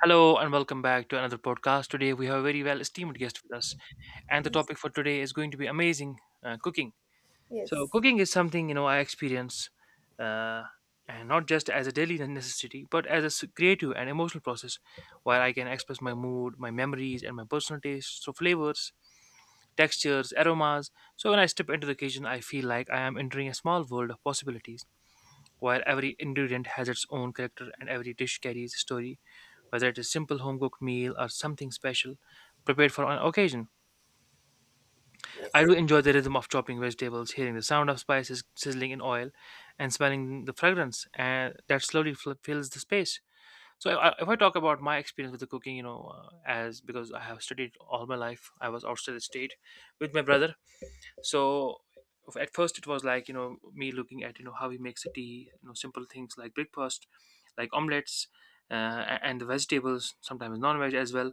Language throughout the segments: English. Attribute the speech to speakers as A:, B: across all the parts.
A: Hello and welcome back to another podcast. Today we have a very well esteemed guest with us, and the
B: Yes.
A: topic for today is going to be amazing cooking. So cooking is something you know I experience, uh, and not just as a daily necessity, but as a creative and emotional process, where I can express my mood, my memories, and my personal taste through flavors, textures, aromas. So when I step into the kitchen, I feel like I am entering a small world of possibilities, where every ingredient has its own character and every dish carries a story, whether it is simple home cooked meal or something special prepared for an occasion. I
B: Yes.
A: do enjoy the rhythm of chopping vegetables, hearing the sound of spices sizzling in oil, and smelling the fragrance and that slowly fills the space. So if I talk about my experience with the cooking, you know, as because I have studied all my life, I was outside the state with my brother. So at first it was like you know me looking at you know how he makes the tea, you know, simple things like breakfast, like omelets, uh, and the vegetables, sometimes non-veg as well,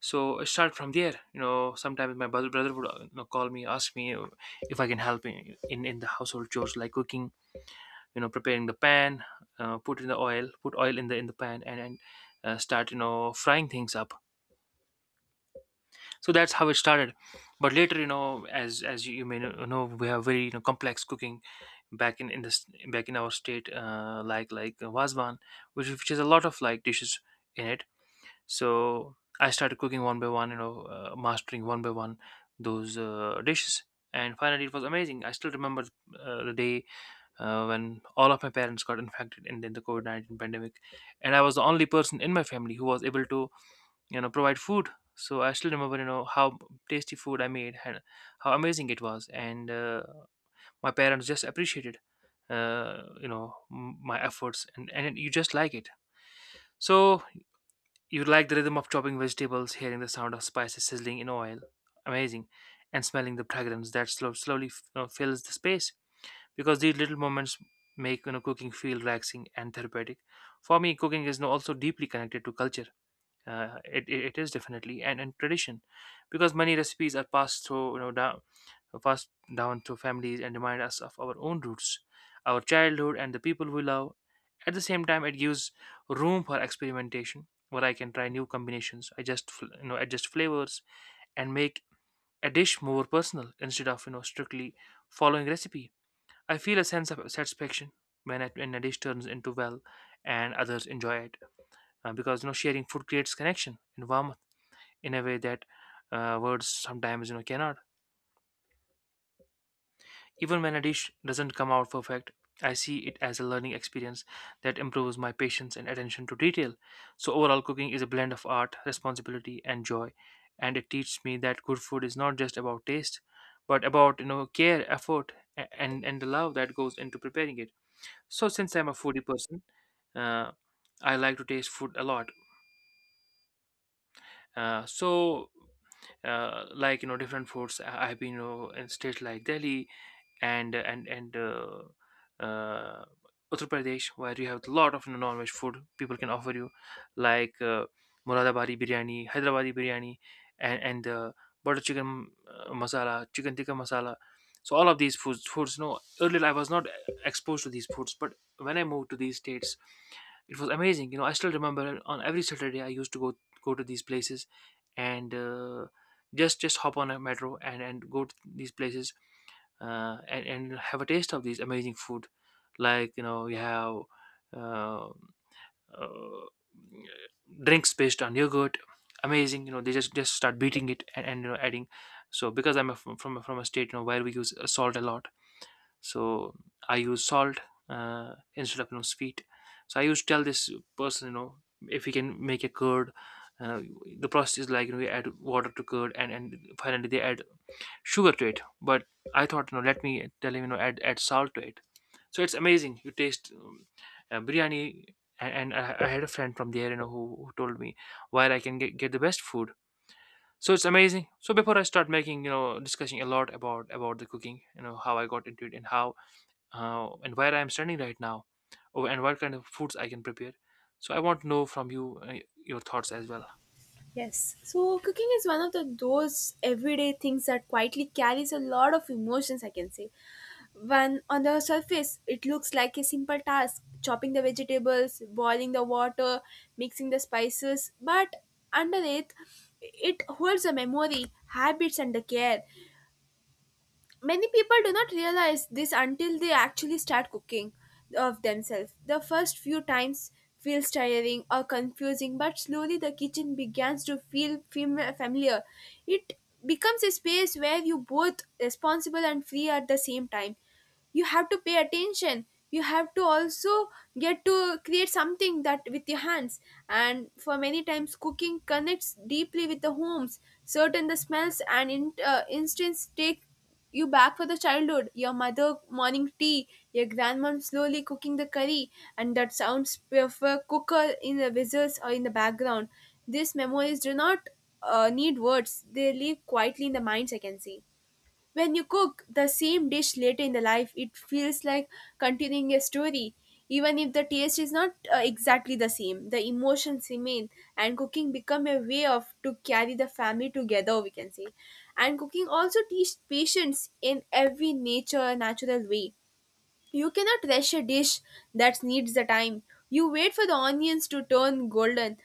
A: so I start from there. You know, sometimes my brother would you know, call me, ask me if I can help in the household chores like cooking, you know, preparing the pan, put in the oil, put oil in the pan, and start you know frying things up. So that's how it started. But later, you know, as you, may know, we have very you know complex cooking back in this back in our state, like wasvan, which has a lot of like dishes in it, so I started cooking one by one, you know, mastering one by one those dishes. And finally, it was amazing. I still remember the day when all of my parents got infected in the COVID 19 pandemic. And I was the only person in my family who was able to, you know, provide food. So I still remember, you know, how tasty food I made and how amazing it was. And my parents just appreciated, you know, my efforts. And you just like it. So you like the rhythm of chopping vegetables, hearing the sound of spices sizzling in oil, amazing, and smelling the fragrance that slowly you know, fills the space, because these little moments make you know cooking feel relaxing and therapeutic. For me, cooking is you know, also deeply connected to culture. It is definitely and tradition, because many recipes are passed through you know down passed down to families and remind us of our own roots, our childhood, and the people we love. At the same time, it gives room for experimentation, where I can try new combinations, adjust you know adjust flavors, and make a dish more personal instead of you know strictly following recipe. I feel a sense of satisfaction when a dish turns into well and others enjoy it, because you know sharing food creates connection and warmth in a way that words sometimes you know cannot. Even when a dish doesn't come out perfect, I see it as a learning experience that improves my patience and attention to detail. So, overall, cooking is a blend of art, responsibility, and joy, and it teaches me that good food is not just about taste, but about you know care, effort, and the love that goes into preparing it. So, since I'm a foodie person, uh, I like to taste food a lot. Uh, so, like you know different foods I've been you know, in states like Delhi and and uh, Uttar Pradesh, where you have a lot of non-veg food people can offer you, like Muradabadi biryani, Hyderabadi biryani, and butter chicken masala, chicken tikka masala. So all of these foods. No, earlier I was not exposed to these foods, but when I moved to these states, it was amazing. You know, I still remember on every Saturday I used to go to these places and just hop on a metro and go to these places and have a taste of these amazing food. Like you know, you have uh, uh, drinks based on yogurt. Amazing, you know, they just start beating it and you know adding. So because I'm a, from a state you know where we use salt a lot, so I use salt instead of you know sweet. So I used to tell this person, you know, if we can make a curd. Uh, the process is like you know, we add water to curd, and finally they add sugar to it, but I thought you know let me tell him you know add salt to it. So it's amazing, you taste biryani, and I had a friend from there you know who told me where I can get the best food. So it's amazing, so before I start making you know discussing a lot about the cooking, you know how I got into it and how and where I'm standing right now, oh, and what kind of foods I can prepare. So I want to know from you your thoughts as well
B: Yes. So cooking is one of the those everyday things that quietly carries a lot of emotions, I can say. When on the surface it looks like a simple task, chopping the vegetables, boiling the water, mixing the spices, but underneath it holds a memory, habits and the care. Many people do not realize this until they actually start cooking of themselves. The first few times feels tiring or confusing, but slowly the kitchen begins to feel familiar. It becomes a space where you both responsible and free at the same time. You have to pay attention. You have to also get to create something that with your hands. And for many times, cooking connects deeply with the homes. Certain the smells and instincts take you back for the childhood, your mother morning tea, your grandmom slowly cooking the curry, and that sounds of a cooker in the whistles or in the background. These memories do not need words; they live quietly in the minds. I can see. When you cook the same dish later in the life, it feels like continuing a story. Even if the taste is not exactly the same, the emotions remain, and cooking become a way of to carry the family together. We can say, and cooking also teach patience in every nature natural way you cannot rush a dish that needs the time. You wait for the onions to turn golden,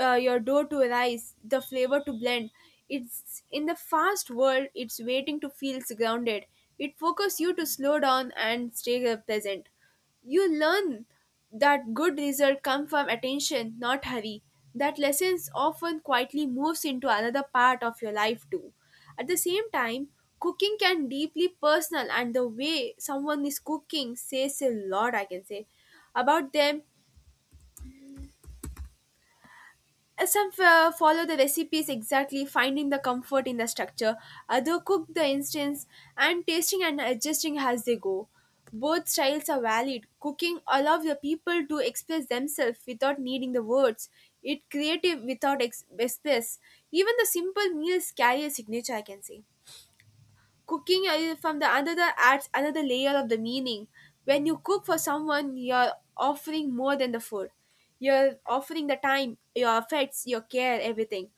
B: your dough to rise, the flavor to blend. It's in the fast world, it's waiting to feel grounded. It focuses you to slow down and stay present. You learn that good results come from attention, not hurry. That lessons often quietly moves into another part of your life too. At the same time, cooking can deeply personal and the way someone is cooking says a lot, I can say, about them. Some follow the recipes exactly, finding the comfort in the structure. Other cook the instance and tasting and adjusting as they go. Both styles are valid. Cooking allows the people to express themselves without needing the words. It creative without express. Even the simple meals carry a signature, I can say. Cooking from the another adds another layer of the meaning. When you cook for someone, you're offering more than the food. You're offering the time, your affects, your care, everything.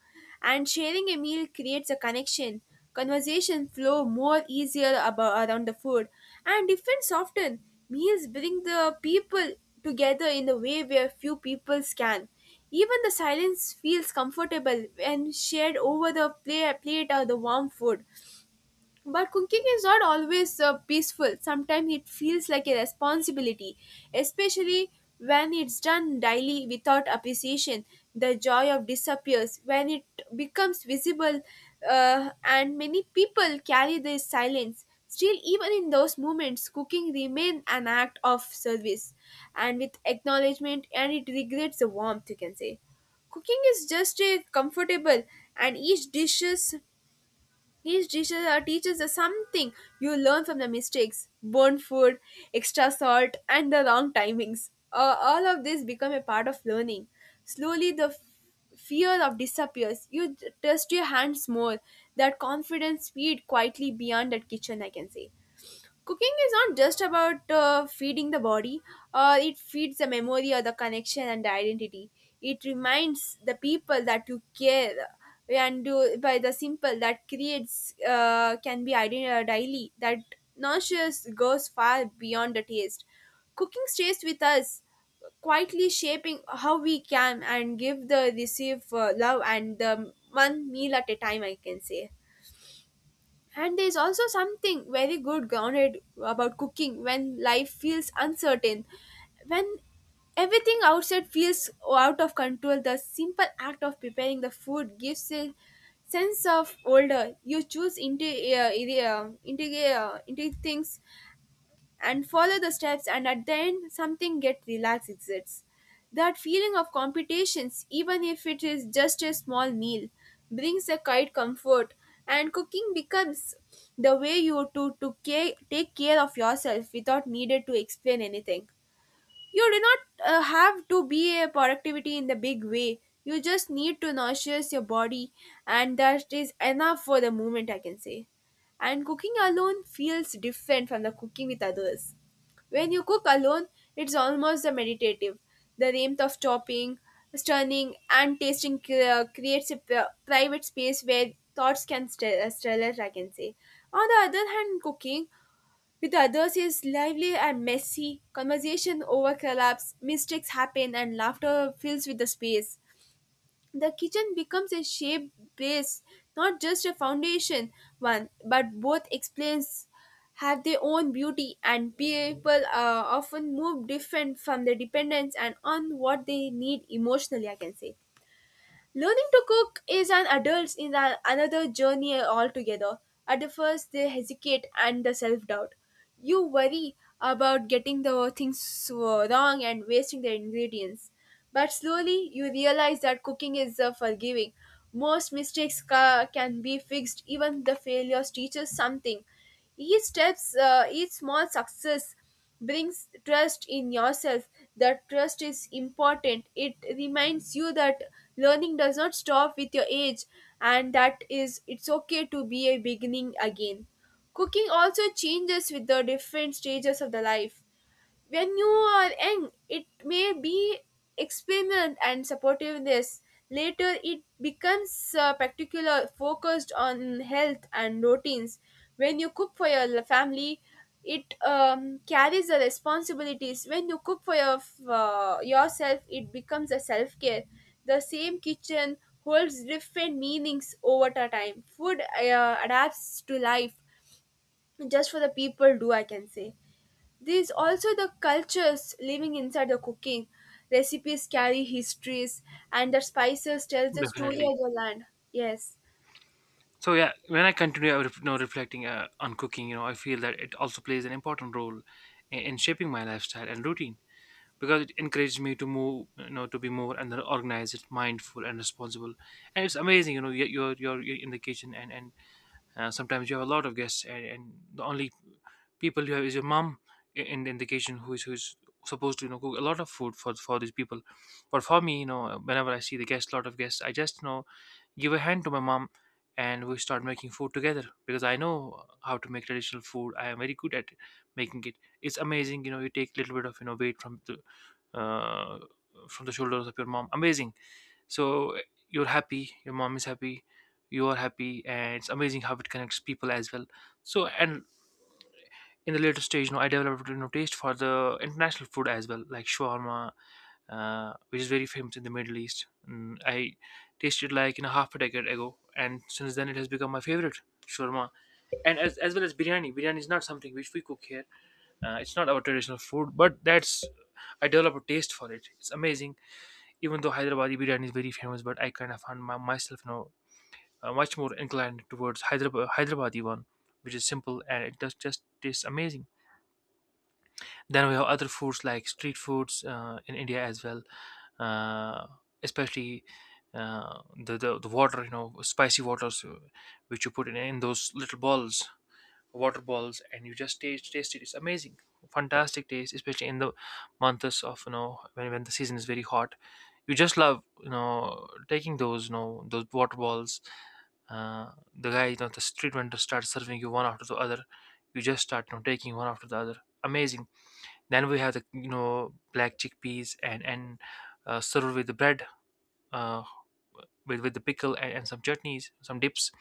B: And sharing a meal creates a connection. Conversation flow more easier about around the food. And different often meals bring the people together in a way where few people can. Even the silence feels comfortable when shared over the plate or the warm food. But cooking is not always peaceful. Sometimes it feels like a responsibility, especially when it's done daily without appreciation. The joy of disappears when it becomes visible, and many people carry this silence. Still, even in those moments, cooking remains an act of service, and with acknowledgement, and it regrets the warmth. You can say, cooking is just a comfortable, and each dishes teaches us something. You learn from the mistakes, burnt food, extra salt, and the wrong timings. All of this become a part of learning. Slowly, the fear of disappears. You trust your hands more. That confidence speed quietly beyond that kitchen, I can say. Cooking is not just about feeding the body, it feeds the memory or the connection and the identity. It reminds the people that you care and you, by the simple that creates can be daily, that nourishes goes far beyond the taste. Cooking stays with us, quietly shaping how we can and give the receive love and the one meal at a time, I can say. And there's also something very good grounded about cooking when life feels uncertain. When everything outside feels out of control, the simple act of preparing the food gives a sense of order. You choose into things and follow the steps, and at the end something get relaxed exists, that feeling of competitions, even if it is just a small meal, brings a quite comfort. And cooking becomes the way you to care, take care of yourself without needed to explain anything. You do not have to be a productivity in the big way. You just need to nourish your body, and that is enough for the moment, I can say. And cooking alone feels different from the cooking with others. When you cook alone, it's almost a meditative. The warmth of chopping, stirring, and tasting creates a private space where thoughts can stir, I can say. On the other hand, cooking with others is lively and messy. Conversation overlaps, mistakes happen, and laughter fills with the space. The kitchen becomes a shape base, not just a foundation one, but both explains have their own beauty, and people often move different from their dependence and on what they need emotionally, I can say. Learning to cook is an adult's another journey altogether. At the first, they hesitate and the self doubt. You worry about getting the things wrong and wasting the ingredients. But slowly, you realize that cooking is forgiving. Most mistakes can be fixed, even the failures teach us something. Each steps, each small success brings trust in yourself. That trust is important. It reminds you that learning does not stop with your age, and that is it's okay to be a beginning again. Cooking also changes with the different stages of the life. When you are young, it may be experiment and supportiveness. Later, it becomes particular focused on health and routines. When you cook for your family, it carries the responsibilities. When you cook for your, yourself, it becomes a self care. The same kitchen holds different meanings over the time. Food adapts to life just for the people do, I can say. There's also the cultures living inside the cooking. Recipes carry histories, and the spices tell the story
A: definitely.
B: of the land. Yes.
A: So yeah, when I continue, I you know, reflecting on cooking, you know, I feel that it also plays an important role in shaping my lifestyle and routine, because it encourages me to move, you know, to be more and then organized, mindful, and responsible. And it's amazing, you know, you're in the kitchen and sometimes you have a lot of guests and the only people you have is your mom in the kitchen who is who's supposed to you know cook a lot of food for these people. But for me you know whenever I see the guests, lot of guests, I just you know give a hand to my mom and we start making food together, because I know how to make traditional food, I am very good at making it. It's amazing, you know, you take a little bit of you know weight uh, from the shoulders of your mom, amazing. So you're happy, your mom is happy, you are happy, and it's amazing how it connects people as well. So and in the later stage you know I developed you know taste for the international food as well, like shawarma, which is very famous in the Middle East. Mm, I tasted like in a half a decade ago, and since then it has become my favorite shawarma. And as well as biryani, biryani is not something which we cook here. It's not our traditional food, but that's I develop a taste for it. It's amazing. Even though Hyderabadi biryani is very famous, but I kind of found myself now much more inclined towards Hyderabadi one, which is simple and it does just tastes amazing. Then we have other foods like street foods in India as well, uh, especially the, the water, you know, spicy waters, which you put in those little balls, water balls, and you just taste it. It's amazing, fantastic taste, especially in the months of you know when the season is very hot. You just love you know taking those you know those water balls. The guy, you know, the street vendor starts serving you one after the other. You just start you know taking one after the other. Amazing, then we have the you know black chickpeas and served with the bread, uh, with the pickle and some chutneys, some dips.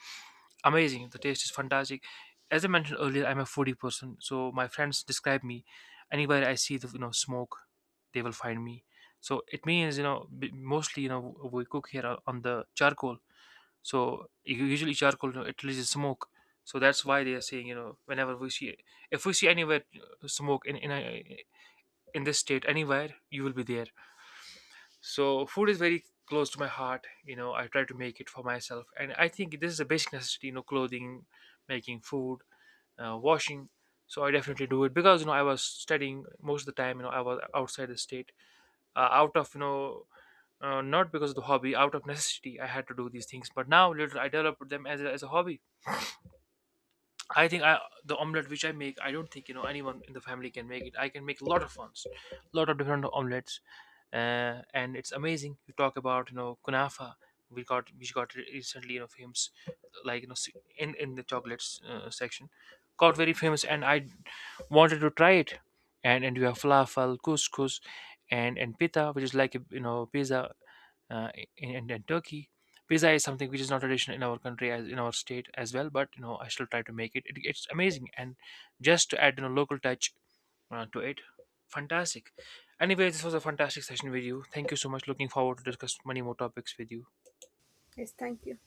A: Amazing! The taste is fantastic. As I mentioned earlier, I'm a foodie person, so my friends describe me anywhere I see the you know smoke, they will find me. So it means you know mostly you know we cook here on the charcoal. So usually charcoal you know, it releases smoke. So that's why they are saying you know whenever we see if we see anywhere smoke in this state anywhere you will be there. So food is very close to my heart, you know I try to make it for myself, and I think this is a basic necessity, you know clothing, making food, washing. So I definitely do it because you know I was studying most of the time, you know I was outside the state out of you know not because of the hobby, out of necessity I had to do these things, but now little I developed them as as a hobby. I think I the omelette which I make, I don't think you know anyone in the family can make it. I can make a lot of ones, lot of different omelettes, and it's amazing. You talk about you know kunafa, we got which got recently you know famous, like you know in the chocolates section, got very famous, and I wanted to try it, and you have falafel, couscous, and pita, which is like a, you know pizza, uh, in Turkey. Pizza is something which is not traditional in our country as in our state as well, but you know I still try to make it. It it's amazing, and just to add you know local touch to it, fantastic. Anyway, this was a fantastic session with you. Thank you so much. Looking forward to discuss many more topics with you.
B: Yes, thank you.